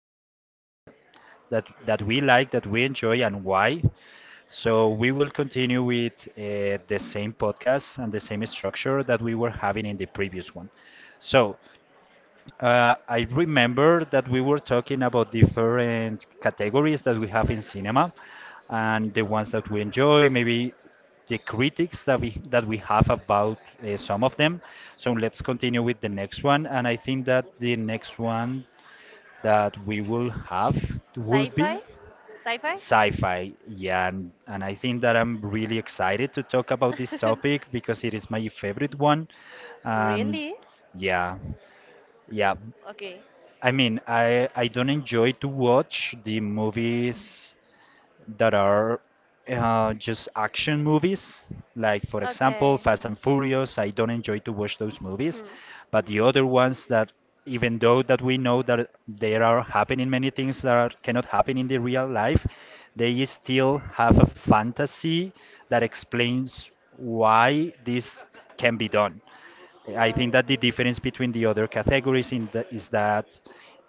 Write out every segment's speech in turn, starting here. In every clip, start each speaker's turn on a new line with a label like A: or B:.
A: of cinema that we like, that we enjoy, and why. So we will continue with the same podcast and the same structure that we were having in the previous one. So, I remember that we were talking about different categories that we have in cinema and the ones that we enjoy, maybe the critics that we have about some of them. So let's continue with the next one, and I think that the next one that we will have will be
B: Sci-fi? Sci-fi?
A: sci-fi. Yeah, and I think that I'm really excited to talk about this topic because it is my favorite one, and
B: Really?
A: yeah. Yeah,
B: Okay.
A: I mean, I don't enjoy to watch the movies that are just action movies. Like for example,
B: Okay.
A: Fast and Furious. I don't enjoy to watch those movies.
B: Hmm.
A: But the other ones that, even though that we know that there are happening many things that are, cannot happen in the real life, they still have a fantasy that explains why this can be done. I think that the
B: Okay.
A: difference between the other categories in the, is that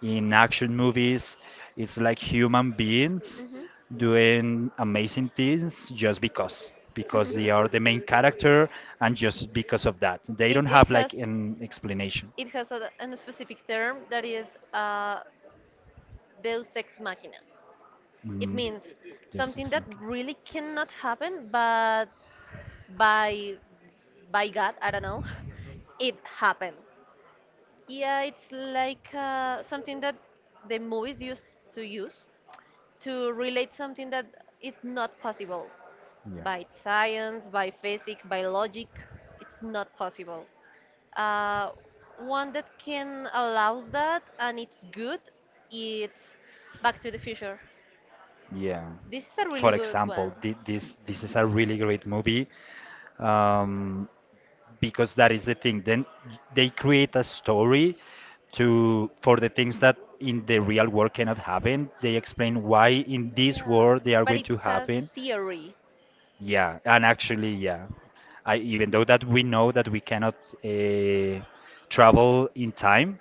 A: in action movies, it's like human beings doing amazing things just because they
B: Mhm.
A: are the main character and just because of that they
B: It,
A: don't
B: it
A: have
B: has
A: like an explanation.
B: it has a, an specific term that is uh, Deus ex machina. It
A: mm.
B: means
A: Just
B: something that
A: explain.
B: really cannot happen, but by by God, I don't know, it happened. Yeah, it's like something that the movies used to use to relate something that is not possible
A: Yeah.
B: by science, by physics, by logic. It's not possible. Uh, One that can allows that and it's good, it's Back to the Future.
A: Yeah.
B: This is a really
A: For
B: good
A: example,
B: one.
A: this is a really great movie, um, because that is the thing. Then they create a story to for the things that in the real world cannot happen. They explain why in this
B: Yeah,
A: world they are
B: but
A: going
B: it
A: to
B: has
A: happen.
B: theory.
A: Yeah, and actually, yeah, I even though that we know that we cannot uh, travel in time,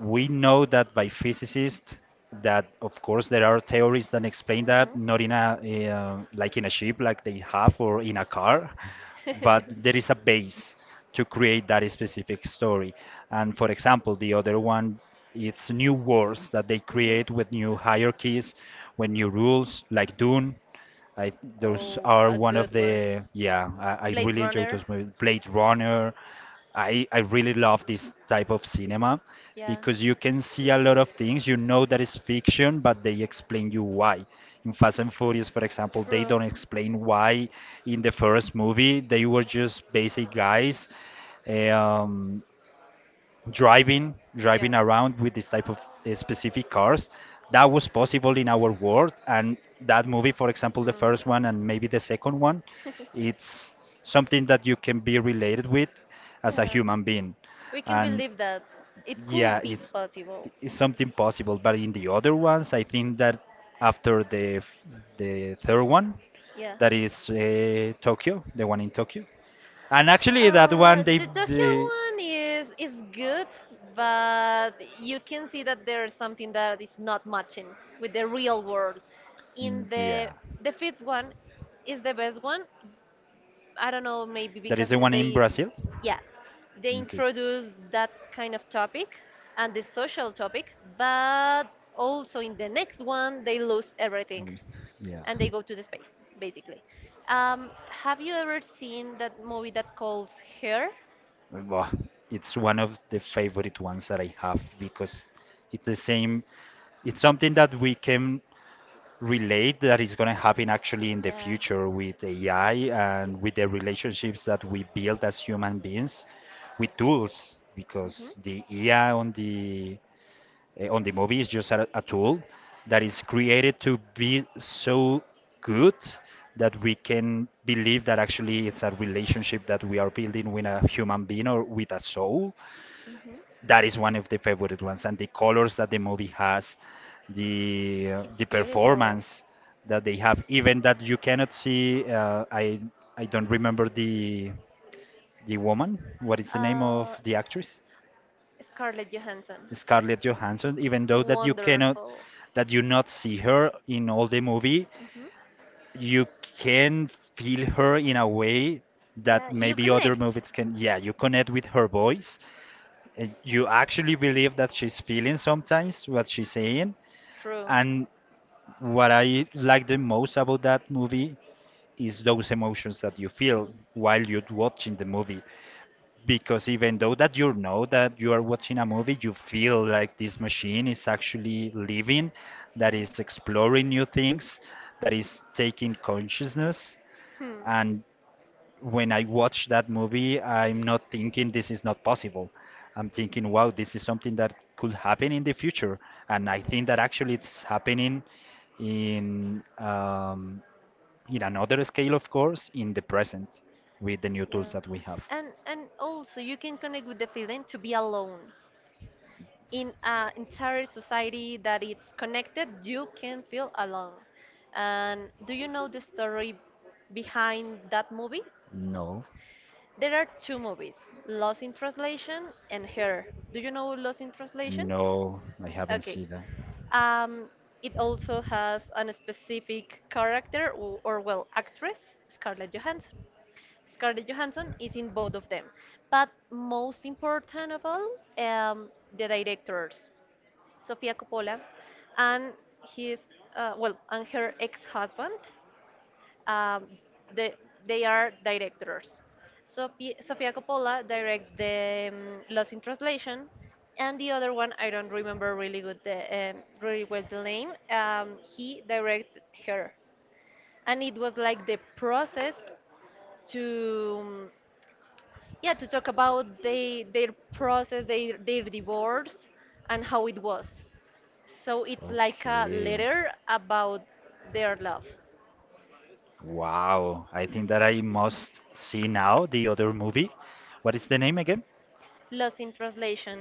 A: we know that by physicists that of course there are theories that explain that
B: Hmm.
A: not in a like in a ship like they have or in a car, but there is a base to create that specific story. And for example the other one, it's new wars that they
B: Hmm.
A: create with new hierarchies, with new rules like Dune. I Those
B: Oh,
A: are
B: a
A: one of
B: good one.
A: the yeah. I
B: Blade
A: really enjoy
B: Runner.
A: those movies. Blade Runner. I really love this type of cinema
B: Yeah,
A: because you can see a lot of things. You know that is fiction, but they explain you why. In Fast and Furious, for example, they don't
B: true.
A: explain why in the first movie they were just basic guys. Um, driving
B: Yeah.
A: driving around with this type of specific cars that was possible in our world. And that movie for example the
B: Hmm.
A: first one and maybe the second one, it's something that you can be related with as a
B: Yeah.
A: human being.
B: We can
A: And
B: believe that it
A: yeah,
B: could be possible.
A: it's something possible, but in the other ones I think that after the third one,
B: Yeah.
A: that is Tokyo, the one in Tokyo. And actually, that one
B: The Tokyo
A: they
B: one is good, but you can see that there's something that is not matching with the real world. In
A: Mm,
B: the
A: yeah,
B: the fifth one is the best one. I don't know, maybe
A: that is
B: because
A: the one in Brazil.
B: yeah, they
A: Okay.
B: introduce that kind of topic and the social topic, but also in the next one they lose everything
A: Mm. Yeah.
B: and they go to the space basically. Have you ever seen that movie that calls Her?
A: Well, it's one of the favorite ones that I have because it's the same. It's something that we can relate that is going to happen actually in the
B: Yeah.
A: future with AI and with the relationships that we build as human beings with tools,
B: Mhm.
A: because the AI on the on the movie is just a tool that is created to be so good that we can believe that actually it's a relationship that we are building with a human being or with a soul.
B: Mhm.
A: That is one of the favorite ones, and the colors that the movie has,
B: It's
A: the
B: beautiful.
A: performance that they have, even that you cannot see I don't remember the woman, what is the name of
B: Uh,
A: the actress.
B: Scarlett Johansson.
A: Scarlett Johansson, even though that you cannot,
B: Wonderful.
A: that you not see her in all the movie,
B: Mhm.
A: you can feel her in a way
B: Yeah,
A: that
B: you
A: maybe other
B: connect.
A: movies can, yeah, you connect with her voice. You actually believe that she's feeling sometimes what she's saying.
B: True.
A: And what I like the most about that movie is those emotions that you feel while you're watching the movie. Because even though that you know that you are watching a movie, you feel like this machine is actually living, that is exploring new things, that is taking consciousness.
B: Hmm.
A: And when I watch that movie, I'm not thinking this is not possible. I'm thinking, wow, this is something that could happen in the future. And I think that actually it's happening in um, in another scale, of course, in the present with the new
B: Yeah,
A: tools that we have.
B: and also you can connect with the feeling to be alone in an entire society that it's connected. You can feel alone. And do you know the story behind that movie?
A: No,
B: There are two movies, Lost in Translation and Her. Do you know Lost in
A: know
B: Translation?
A: them? No, I haven't
B: Okay.
A: seen that.
B: Um, it also has a specific character, or well, actress, Scarlett Johansson. Scarlett Johansson is in both of them. But most important of all, um, the directors, Sofia Coppola, and his well, and her ex-husband, um, the, they are directors. Sofia Coppola direct the Lost in Translation, and the other one I don't remember really really well the name. He directed her, and it was like the process to yeah to talk about their process their divorce and how it was so it's like a
A: Okay.
B: letter about their love.
A: Wow, I think that I must see now the other movie. What is the name again?
B: Lost in Translation,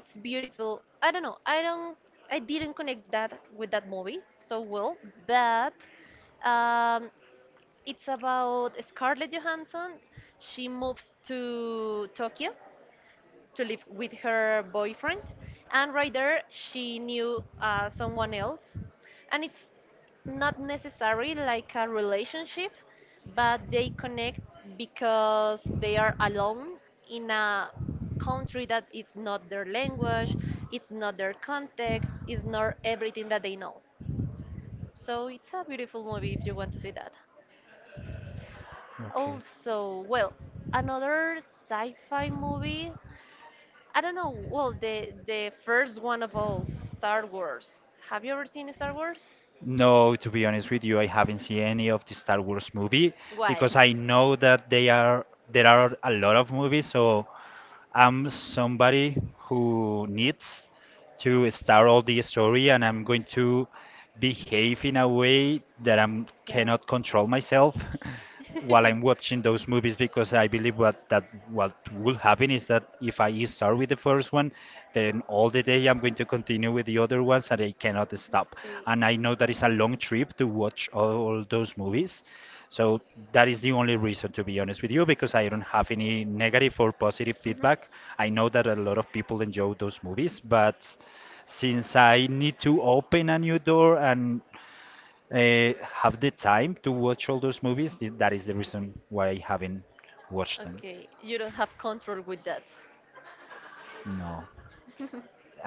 B: it's beautiful. I don't know i don't i didn't connect that with that movie so well but um, it's about Scarlett Johansson. She moves to Tokyo to live with her boyfriend, and right there she knew someone else, and it's not necessary like a relationship, but they connect because they are alone in a country that it's not their language, it's not their context, it's not everything that they know. So it's a beautiful movie if you want to see that.
A: Okay.
B: Also, well, another sci-fi movie I don't know. Well, the first one of all, Star Wars. Have you ever seen Star Wars?
A: No, to be honest with you, I haven't seen any of the Star Wars movie
B: Why?
A: because I know that they are there are a lot of movies, so I'm somebody who needs to start all the story and I'm going to behave in a way that I
B: Yeah.
A: cannot control myself while I'm watching those movies, because I believe what that what will happen is that if I start with the first one, then all the day I'm going to continue with the other ones and I cannot stop.
B: Okay.
A: And I know that it's a long trip to watch all those movies. So that is the only reason to be honest with you, because I don't have any negative or positive
B: Mhm.
A: feedback. I know that a lot of people enjoy those movies, but since I need to open a new door
B: I
A: and have the time to watch all those movies, that is the reason why I haven't watched them.
B: Okay, you don't have control with that.
A: No.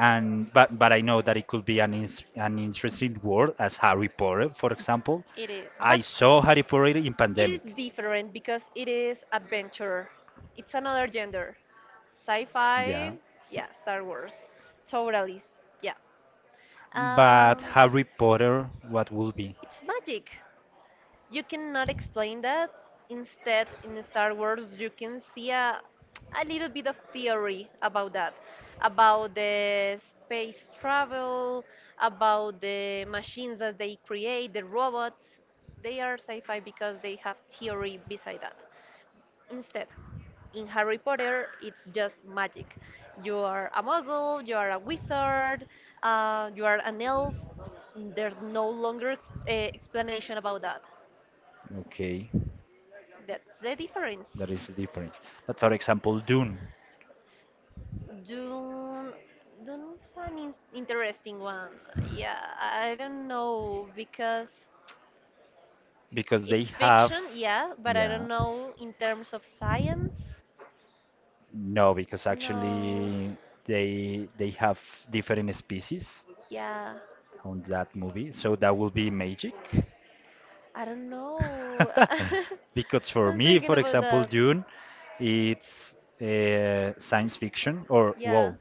A: And but I know that it could be an ins an interesting world as Harry Potter, for example.
B: It is,
A: I
B: but
A: saw Harry Potter in pandemic.
B: different because it is adventure. It's another gender.
A: Yeah.
B: Sci-fi, yeah, Star Wars. Totally, yeah.
A: But
B: Um,
A: Harry Potter, what will be?
B: it's magic. You cannot explain that. Instead, in Star Wars, you can see a little bit of theory about that, about the space travel, about the machines that they create, the robots. They are sci fi because they have theory beside that. Instead, in Harry Potter, it's just magic. You are a muggle, you are a wizard, you are an elf. There's no longer explanation about that.
A: Okay.
B: That's the difference.
A: That is the difference. But for example, Dune,
B: Dune, Dune is an interesting one. Yeah, I don't know because
A: because they
B: it's
A: have,
B: fiction, yeah, but I don't
A: yeah,
B: know in terms of science.
A: no, because
B: No,
A: actually they have different species
B: yeah,
A: on that movie, so that will be magic.
B: I don't know.
A: Because for
B: I'm
A: me,
B: thinking
A: for
B: about
A: example,
B: that.
A: Dune, it's science fiction, or
B: Yeah.
A: well,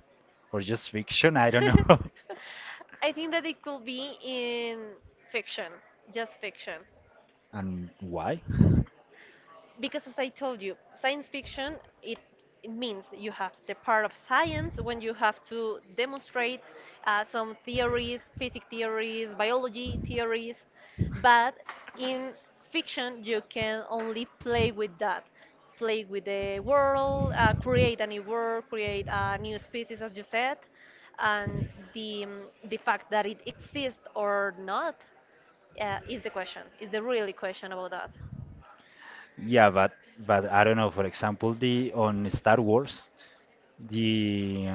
A: or just fiction. I don't know.
B: I think that it could be in fiction, just fiction.
A: And why?
B: Because as I told you, science fiction it it means you have the part of science when you have to demonstrate some theories, physics theories, biology theories, but in fiction you can only play with that, play with the world, create a new world, create a new species, as you said, and the um, the fact that it exists or not is the question, is the really question about that.
A: Yeah, but I don't know. For example, the on Star Wars, the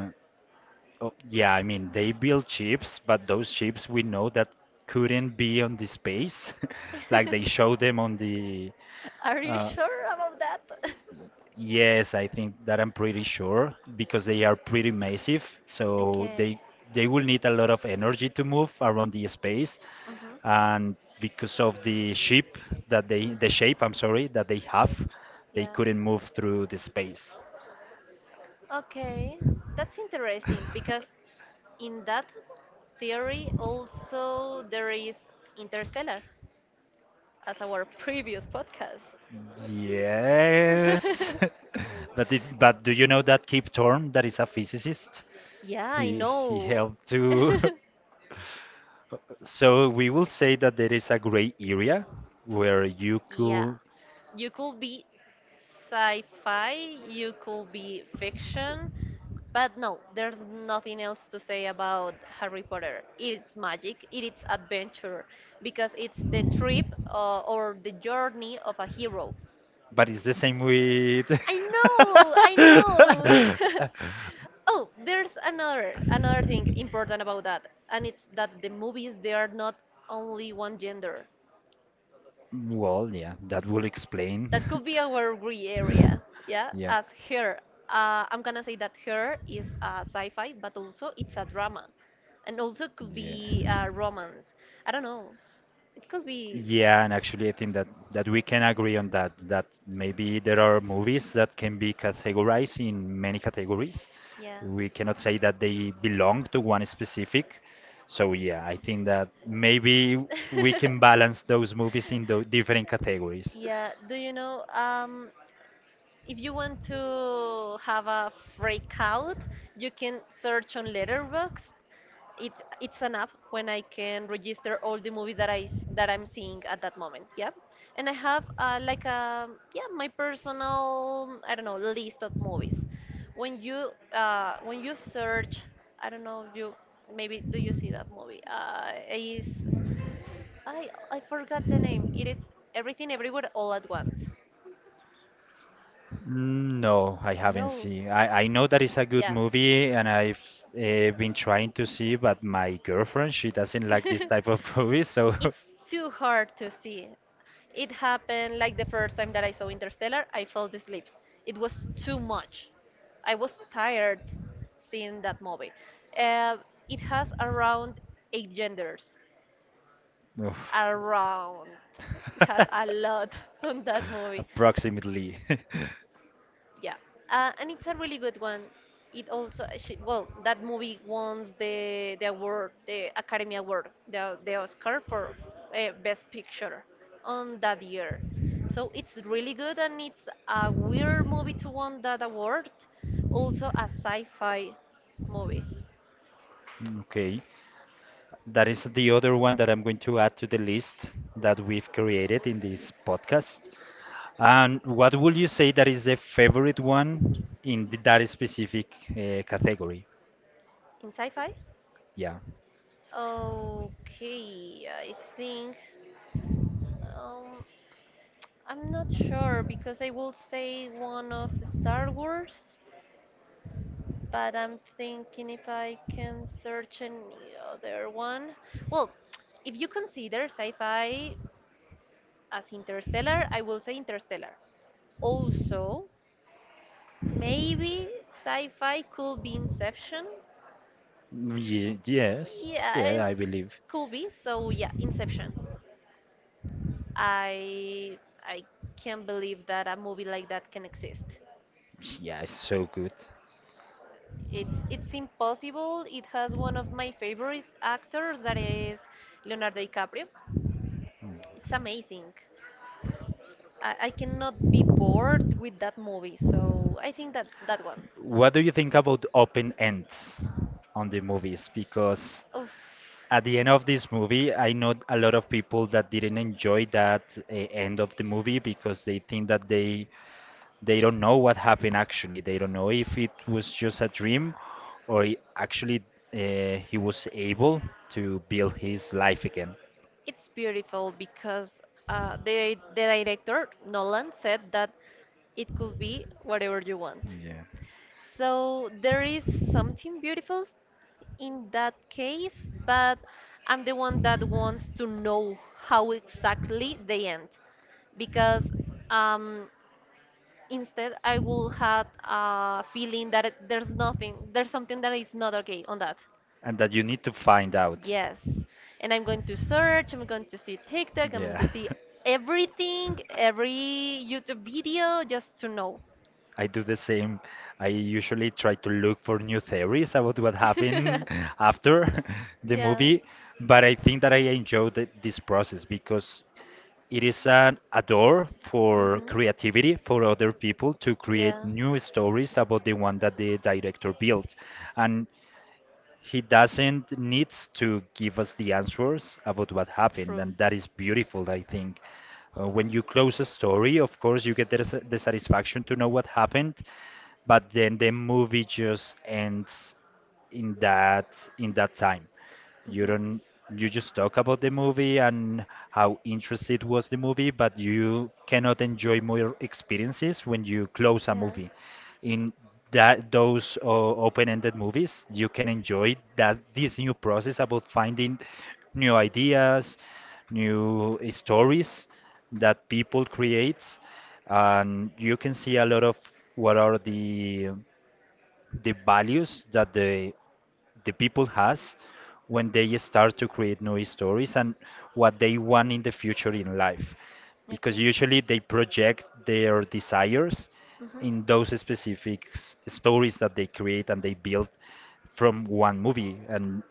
A: oh, yeah, I mean they build ships, but those ships we know that couldn't be on the space, like they show them on the.
B: Are you
A: Uh,
B: sure about that? Yes,
A: Yes, I think that I'm pretty sure because they are pretty massive, so
B: okay. They.
A: they will need a lot of energy to move around the space,
B: Mhm.
A: and because of the shape that they the shape, I'm sorry, that they have, they
B: Yeah.
A: couldn't move through the space.
B: Okay. That's interesting because in that theory also there is Interstellar, as our previous podcast.
A: Yes, but did, but do you know that Kip Thorne, that is a physicist?
B: Yeah, I
A: He
B: know.
A: helped to So we will say that there is a gray area where you Yeah.
B: Yeah.
A: could,
B: You could be sci fi, you could be fiction, but no, there's nothing else to say about Harry Potter. It's magic, it's adventure, because it's the trip or the journey of a hero.
A: but it's the same with.
B: I know, I know. Oh, there's another thing important about that, and it's that the movies they are not only one gender.
A: Well, yeah, that will explain.
B: That could be our gray area, yeah.
A: Yeah.
B: As her, I'm gonna say that her is a sci-fi, but also it's a drama, and also could
A: Yeah.
B: be a romance. I don't know. It could be.
A: Yeah, and actually, I think that that we can agree on that, that maybe there are movies that can be categorized in many categories.
B: Yeah.
A: We cannot say that they belong to one specific. So yeah, I think that maybe we can balance those movies in the different categories.
B: Yeah, do you know if you want to have a freak out, you can search on Letterboxd it, it's an app when I can register all the movies that I that I'm seeing at that moment. Yeah, and I have like a yeah my personal I don't know list of movies. When you search, I don't know you maybe do you see that movie? Is I forgot the name. It is Everything Everywhere All at Once.
A: Mm, no, I haven't seen. I know that it's a good
B: Yeah.
A: movie and I've been trying to see, but my girlfriend, she doesn't like this type of movies, so
B: It's too hard to see. It happened like the first time that I saw Interstellar, I fell asleep. It was too much. I was tired seeing that movie. Uh, it has around eight genders.
A: oof.
B: Around. It has a lot on that movie.
A: Approximately.
B: Yeah, and it's a really good one. It also well that movie won the award, the Academy Award, the Oscar for Best Picture on that year. So it's really good, and it's a weird movie to won that award. Also a sci-fi movie.
A: Okay. That is the other one that I'm going to add to the list that we've created in this podcast. And what would you say that is the favorite one in that specific category?
B: In sci-fi?
A: Yeah.
B: Okay, I think um, I'm not sure because I will say one of Star Wars, but I'm thinking if I can search any other one. Well, if you consider sci-fi as Interstellar, I will say Interstellar. Also, maybe sci-fi could be Inception.
A: Ye- yes. Yeah,
B: Yeah,
A: I believe.
B: could be. So yeah, Inception. I I can't believe that a movie like that can exist.
A: Yeah, it's so good.
B: It's impossible. It has one of my favorite actors that is Leonardo DiCaprio. It's amazing. I cannot be bored with that movie. So I think that that one.
A: What do you think about open ends on the movies? Because
B: Oof.
A: at the end of this movie, I know a lot of people that didn't enjoy that end of the movie because they think that they don't know what happened actually. They don't know if it was just a dream or actually he was able to build his life again.
B: It's beautiful because the director Nolan said that it could be whatever you want.
A: Yeah.
B: So there is something beautiful in that case, but I'm the one that wants to know how exactly they end because um, instead I will have a feeling that there's nothing, there's something that is not okay on that.
A: And that you need to find out.
B: Yes. And I'm going to search, I'm going to see TikTok, I'm going to
A: Yeah.
B: see everything, every YouTube video just to know.
A: I do the same. I usually try to look for new theories about what happened after the
B: Yeah.
A: movie, but I think that I enjoy the, this process because it is an, a door for
B: Mhm.
A: creativity for other people to create
B: Yeah.
A: new stories about the one that the director built. And he doesn't needs to give us the answers about what happened,
B: True.
A: and that is beautiful, I think. When you close a story, of course, you get the satisfaction to know what happened, but then the movie just ends in that in that time you
B: Mhm.
A: don't you just talk about the movie and how interested was the movie, but you cannot enjoy more experiences when you close a
B: Yeah.
A: movie in that. Those open-ended movies, you can enjoy that this new process about finding new ideas, new stories that people create. And you can see a lot of what are the values that the people has when they start to create new stories, and what they want in the future in life, because
B: Okay.
A: usually they project their desires in those specific stories that they create and they build from one movie. And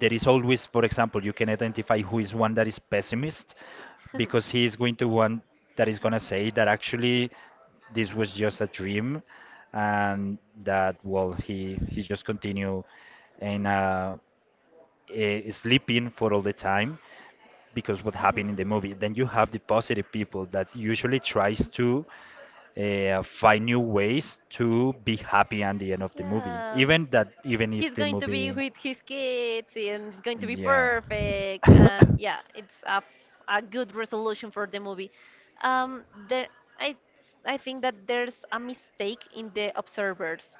A: there is always, for example, you can identify who is one that is pessimist because he is going to one that is going to say that actually this was just a dream, and that, well, he just continue and sleeping for all the time because what happened in the movie. Then you have the positive people that usually tries to
B: Uh,
A: find new ways to be happy at the end of the movie,
B: yeah.
A: even that, even if
B: He's
A: the
B: going to be
A: movie.
B: with his kids and it's going to be
A: Yeah.
B: perfect. And yeah, it's a good resolution for the movie. Um, there, I, I think that there's a mistake in the observers.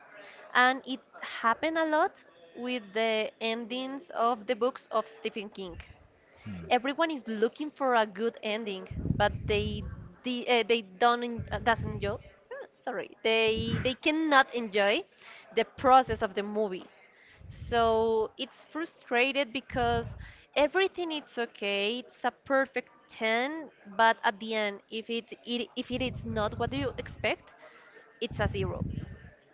B: And it happened a lot with the endings of the books of Stephen King. Everyone is looking for a good ending, but they don't doesn't enjoy. Sorry, they cannot enjoy the process of the movie. So it's frustrated because everything it's okay, it's a perfect ten, but at the end, if it, it if it is not what do you expect, it's a zero.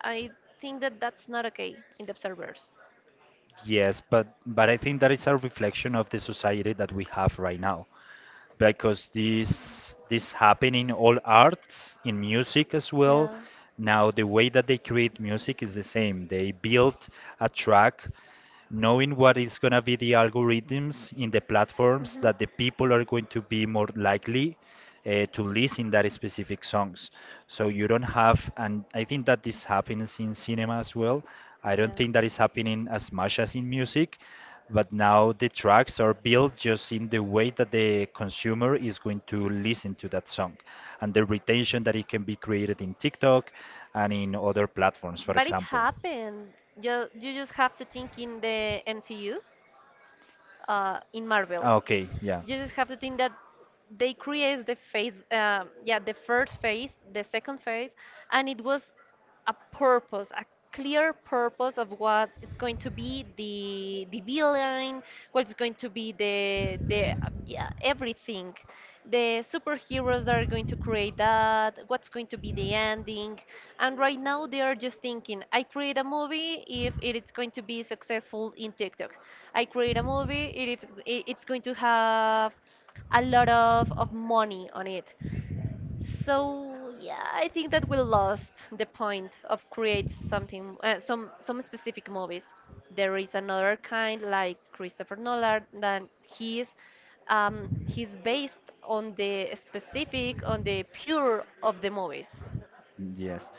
B: I think that that's not okay in the observers.
A: Yes, but I think that is a reflection of the society that we have right now, because this happen in all arts, in music as well. Now the way that they create music is the same. They build a track knowing what is going to be the algorithms in the platforms that the people are going to be more likely to listen that specific songs. So you don't have, and I think that this happens in cinema as well. I don't think that is happening as much as in music, but now the tracks are built just in the way that the consumer is going to listen to that song and the retention that it can be created in TikTok and in other platforms, for
B: But it
A: example.
B: happened. You just have to think in the MCU, in Marvel.
A: Ah, okay, yeah.
B: You just have to think that they create the phase, yeah, the first phase, the second phase, and it was a purpose, a clear purpose of what is going to be the villain, what's going to be the yeah everything the superheroes that are going to create that, what's going to be the ending. And right now they are just thinking, I create a movie if it is going to be successful in TikTok. I create a movie if it's going to have a lot of money on it. So yeah, I think that we lost the point of create something, some specific movies. There is another kind like Christopher Nolan that he's based on the specific on the pure of the movies.
A: Yes.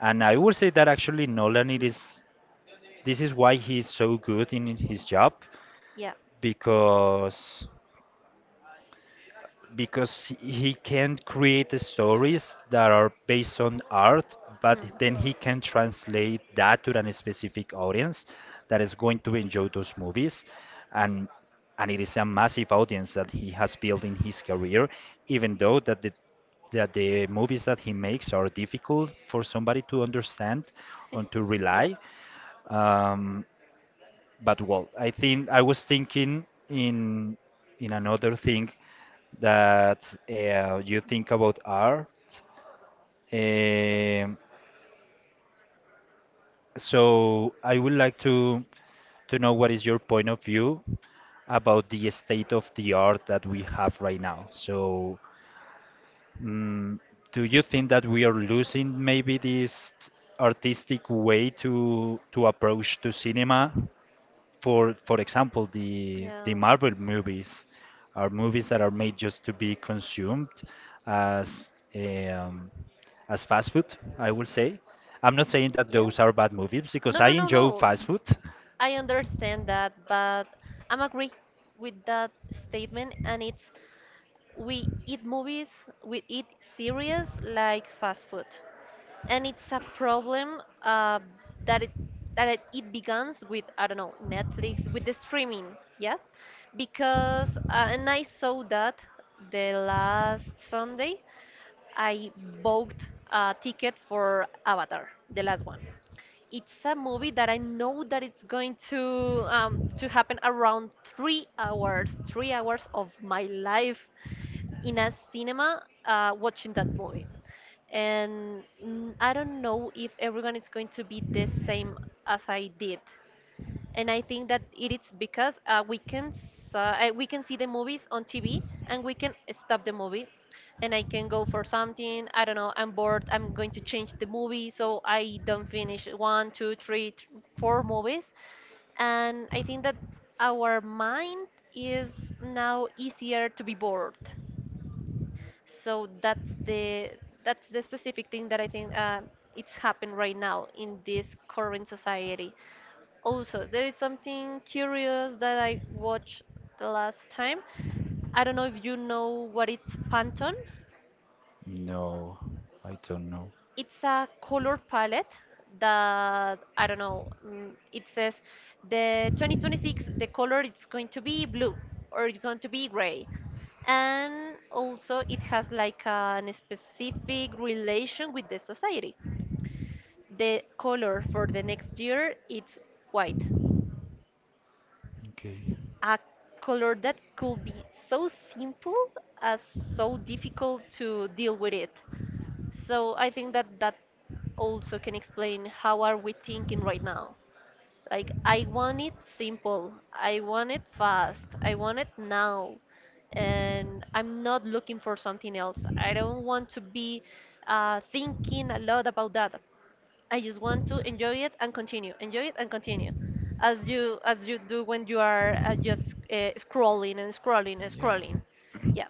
A: And I would say that actually Nolan it is, this is why he's so good in his job,
B: Yeah.
A: because because he can create stories that are based on art, but then he can translate that to a specific audience that is going to enjoy those movies. And and it is a massive audience that he has built in his career, even though that the movies that he makes are difficult for somebody to understand and to rely. Um, but well, I think I was thinking in another thing that you think about art. Um, so I would like to know what is your point of view about the state of the art that we have right now. So, mm, do you think that we are losing maybe this artistic way to approach to cinema? For example,
B: Yeah.
A: the Marvel movies are movies that are made just to be consumed as um, as fast food, I will say. I'm not saying that those are bad movies because I enjoy
B: No.
A: fast food.
B: I understand that, but I'm agree with that statement, and it's we eat movies, we eat series like fast food, and it's a problem that it that it begins with I don't know Netflix with the streaming, yeah, because and I saw that the last Sunday I bought a ticket for Avatar, the last one. It's a movie that I know that it's going to happen around 3 hours, 3 hours of my life in a cinema watching that movie. And I don't know if everyone is going to be the same as I did, and I think that it is because we can see the movies on TV and we can stop the movie and I can go for something. I don't know, I'm bored, I'm going to change the movie, so I don't finish one, two, three, four movies. And I think that our mind is now easier to be bored. So that's the specific thing that I think it's happened right now in this current society. Also, there is something curious that I watched the last time. I don't know if you know what is Pantone.
A: No. I don't know.
B: It's a color palette that I don't know. It says the 2026 the color it's going to be blue or it's going to be gray, and also it has like an specific relation with the society. The color for the next year it's white,
A: Okay.
B: a color that could be so simple as so difficult to deal with it. So I think that that also can explain how are we thinking right now. Like I want it simple, I want it fast, I want it now, and I'm not looking for something else. I don't want to be thinking a lot about that. I just want to enjoy it and continue, enjoy it and continue, as you do when you are just scrolling and scrolling and
A: Yeah.
B: scrolling. Yeah,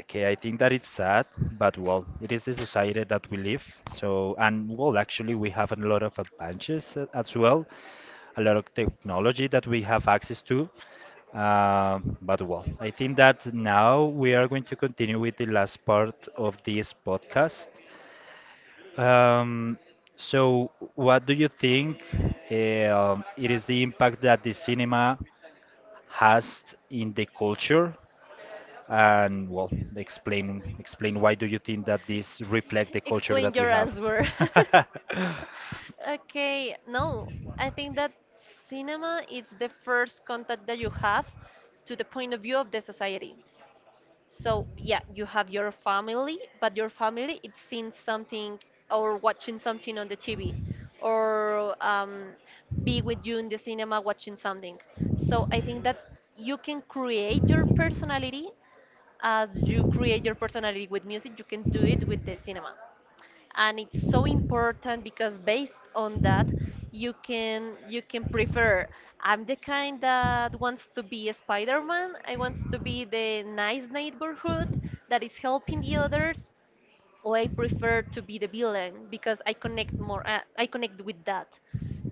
A: Okay, I think that it's sad, but well, it is the society that we live. So, and well, actually, we have a lot of advances as well, a lot of technology that we have access to. But well, I think that now we are going to continue with the last part of this podcast. Um, so, what do you think it is the impact that the cinema has in the culture? And well, explain why do you think that this reflect the culture
B: explain
A: that we
B: your
A: have?
B: answer. Okay, no, I think that cinema is the first contact that you have to the point of view of the society. So, yeah, you have your family, but your family it's seeing something or watching something on the TV or be with you in the cinema watching something. So, I think that you can create your personality as you create your personality with music, you can do it with the cinema and it's so important because based on that you can prefer I'm the kind that wants to be a Spider-Man, I wants to be the nice neighborhood that is helping the others, or I prefer to be the villain because I connect more, I connect with that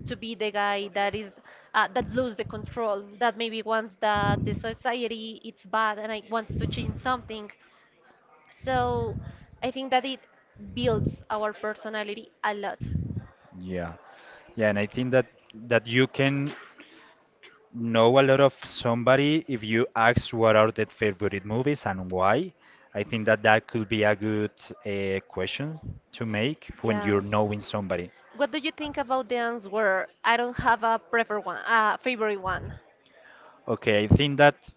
B: to be the guy that is that lose the control that maybe wants that the society it's bad and I wants to change something. So I think that it builds our personality a lot.
A: Yeah. Yeah, and I think that you can know a lot of somebody if you ask what are their favorite movies and why. I think that that could be a good question to make when
B: Yeah.
A: you're knowing somebody.
B: What do you think about the answer? I don't have a prefer one, a favorite one.
A: Okay, I think that,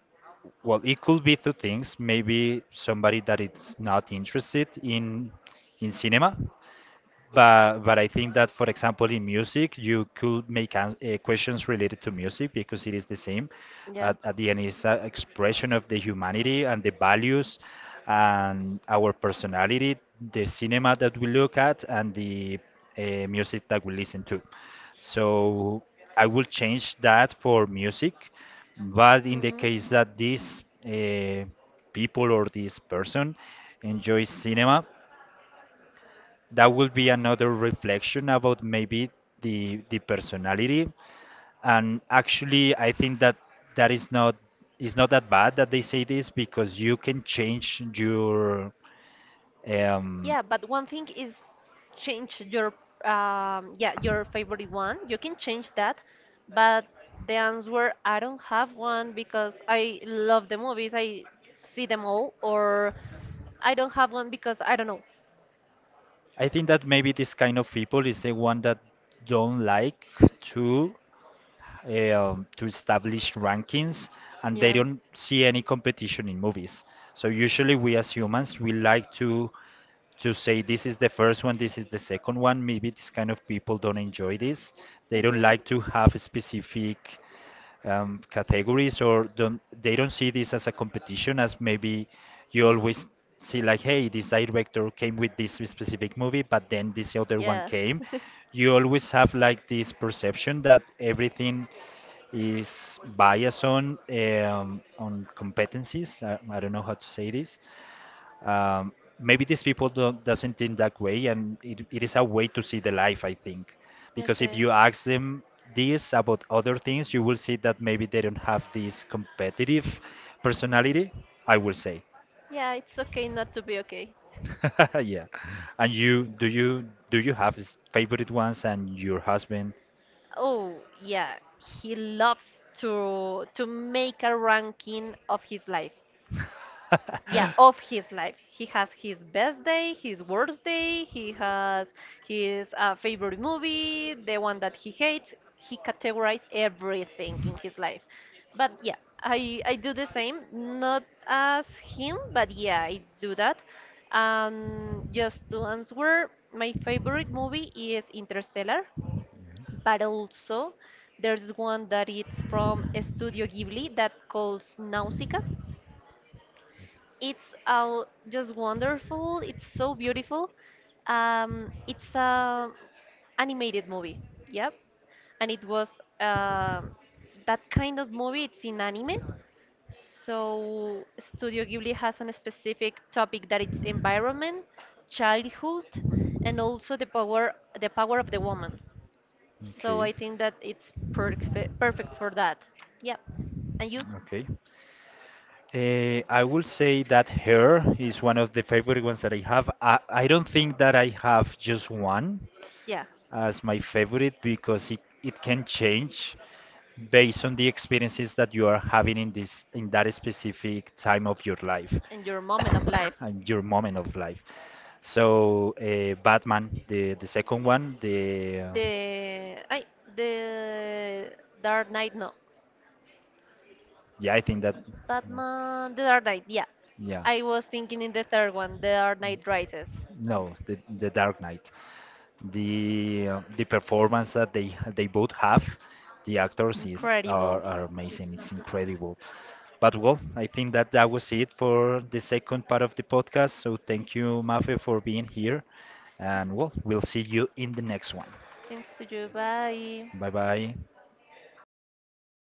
A: well, it could be two things. Maybe somebody that is not interested in cinema, but I think that, for example, in music, you could make ans questions related to music because it is the same.
B: Yeah.
A: At the end, it's an expression of the humanity and the values and our personality, the cinema that we look at, and the music that we listen to. So I will change that for music, but in the
B: hmm
A: case that these people or this person enjoys cinema, that will be another reflection about maybe the personality. And actually I think that that is not, is not that bad that they say this, because you can change your um.
B: Yeah, but one thing is change your yeah, your favorite one. You can change that, but the answer I don't have one because I love the movies. I see them all or I don't have one because I don't know.
A: I think that maybe this kind of people is the one that don't like to to establish rankings, and they don't see any competition in movies. So usually we as humans we like to say this is the first one, this is the second one. Maybe this kind of people don't enjoy this. They don't like to have specific categories, or don't, they don't see this as a competition as maybe you always see like, hey, this director came with this specific movie, but then this other one
B: Yeah.
A: came. You always have like this perception that everything is biased on competencies. I don't know how to say this, um, maybe these people don't doesn't think that way, and it is a way to see the life, I think. Because if you ask them this about other things, you will see that maybe they don't have this competitive personality, I will say.
B: Yeah, it's okay not to be okay.
A: Yeah. And you, do you have favorite ones and your husband?
B: Oh, yeah, he loves to make a ranking of his life. Yeah, of his life. He has his best day, his worst day, he has his favorite movie, the one that he hates. He categorizes everything in his life. But yeah, I do the same, not as him, but yeah, I do that. And just to answer, my favorite movie is Interstellar, but also there's one that it's from Studio Ghibli that calls Nausicaa. It's all just wonderful. It's so beautiful. It's a animated movie. Yep, and it was um that kind of movie. It's in anime. So Studio Ghibli has a specific topic that it's environment, childhood, and also the power of the woman. So I think that it's perfect for that. Yep. And you?
A: I will say that hair is one of the favorite ones that I have. I don't think that I have just one
B: Yeah.
A: as my favorite because it can change based on the experiences that you are having in this, in that specific time of your life.
B: And your moment of life.
A: And your moment of life. So Batman, the second one, the
B: The I the Dark Knight, no.
A: yeah, I think that.
B: Batman the Dark Knight, yeah.
A: Yeah.
B: I was thinking in the third one, the Dark Knight Rises.
A: No, the Dark Knight. The performance that they both have, the actors is
B: Incredible.
A: are amazing. It's incredible. But well, I think that that was it for the second part of the podcast. So thank you, Mafe, for being here, and well, we'll see you in the next one.
B: Thanks to you. Bye.
A: Bye bye.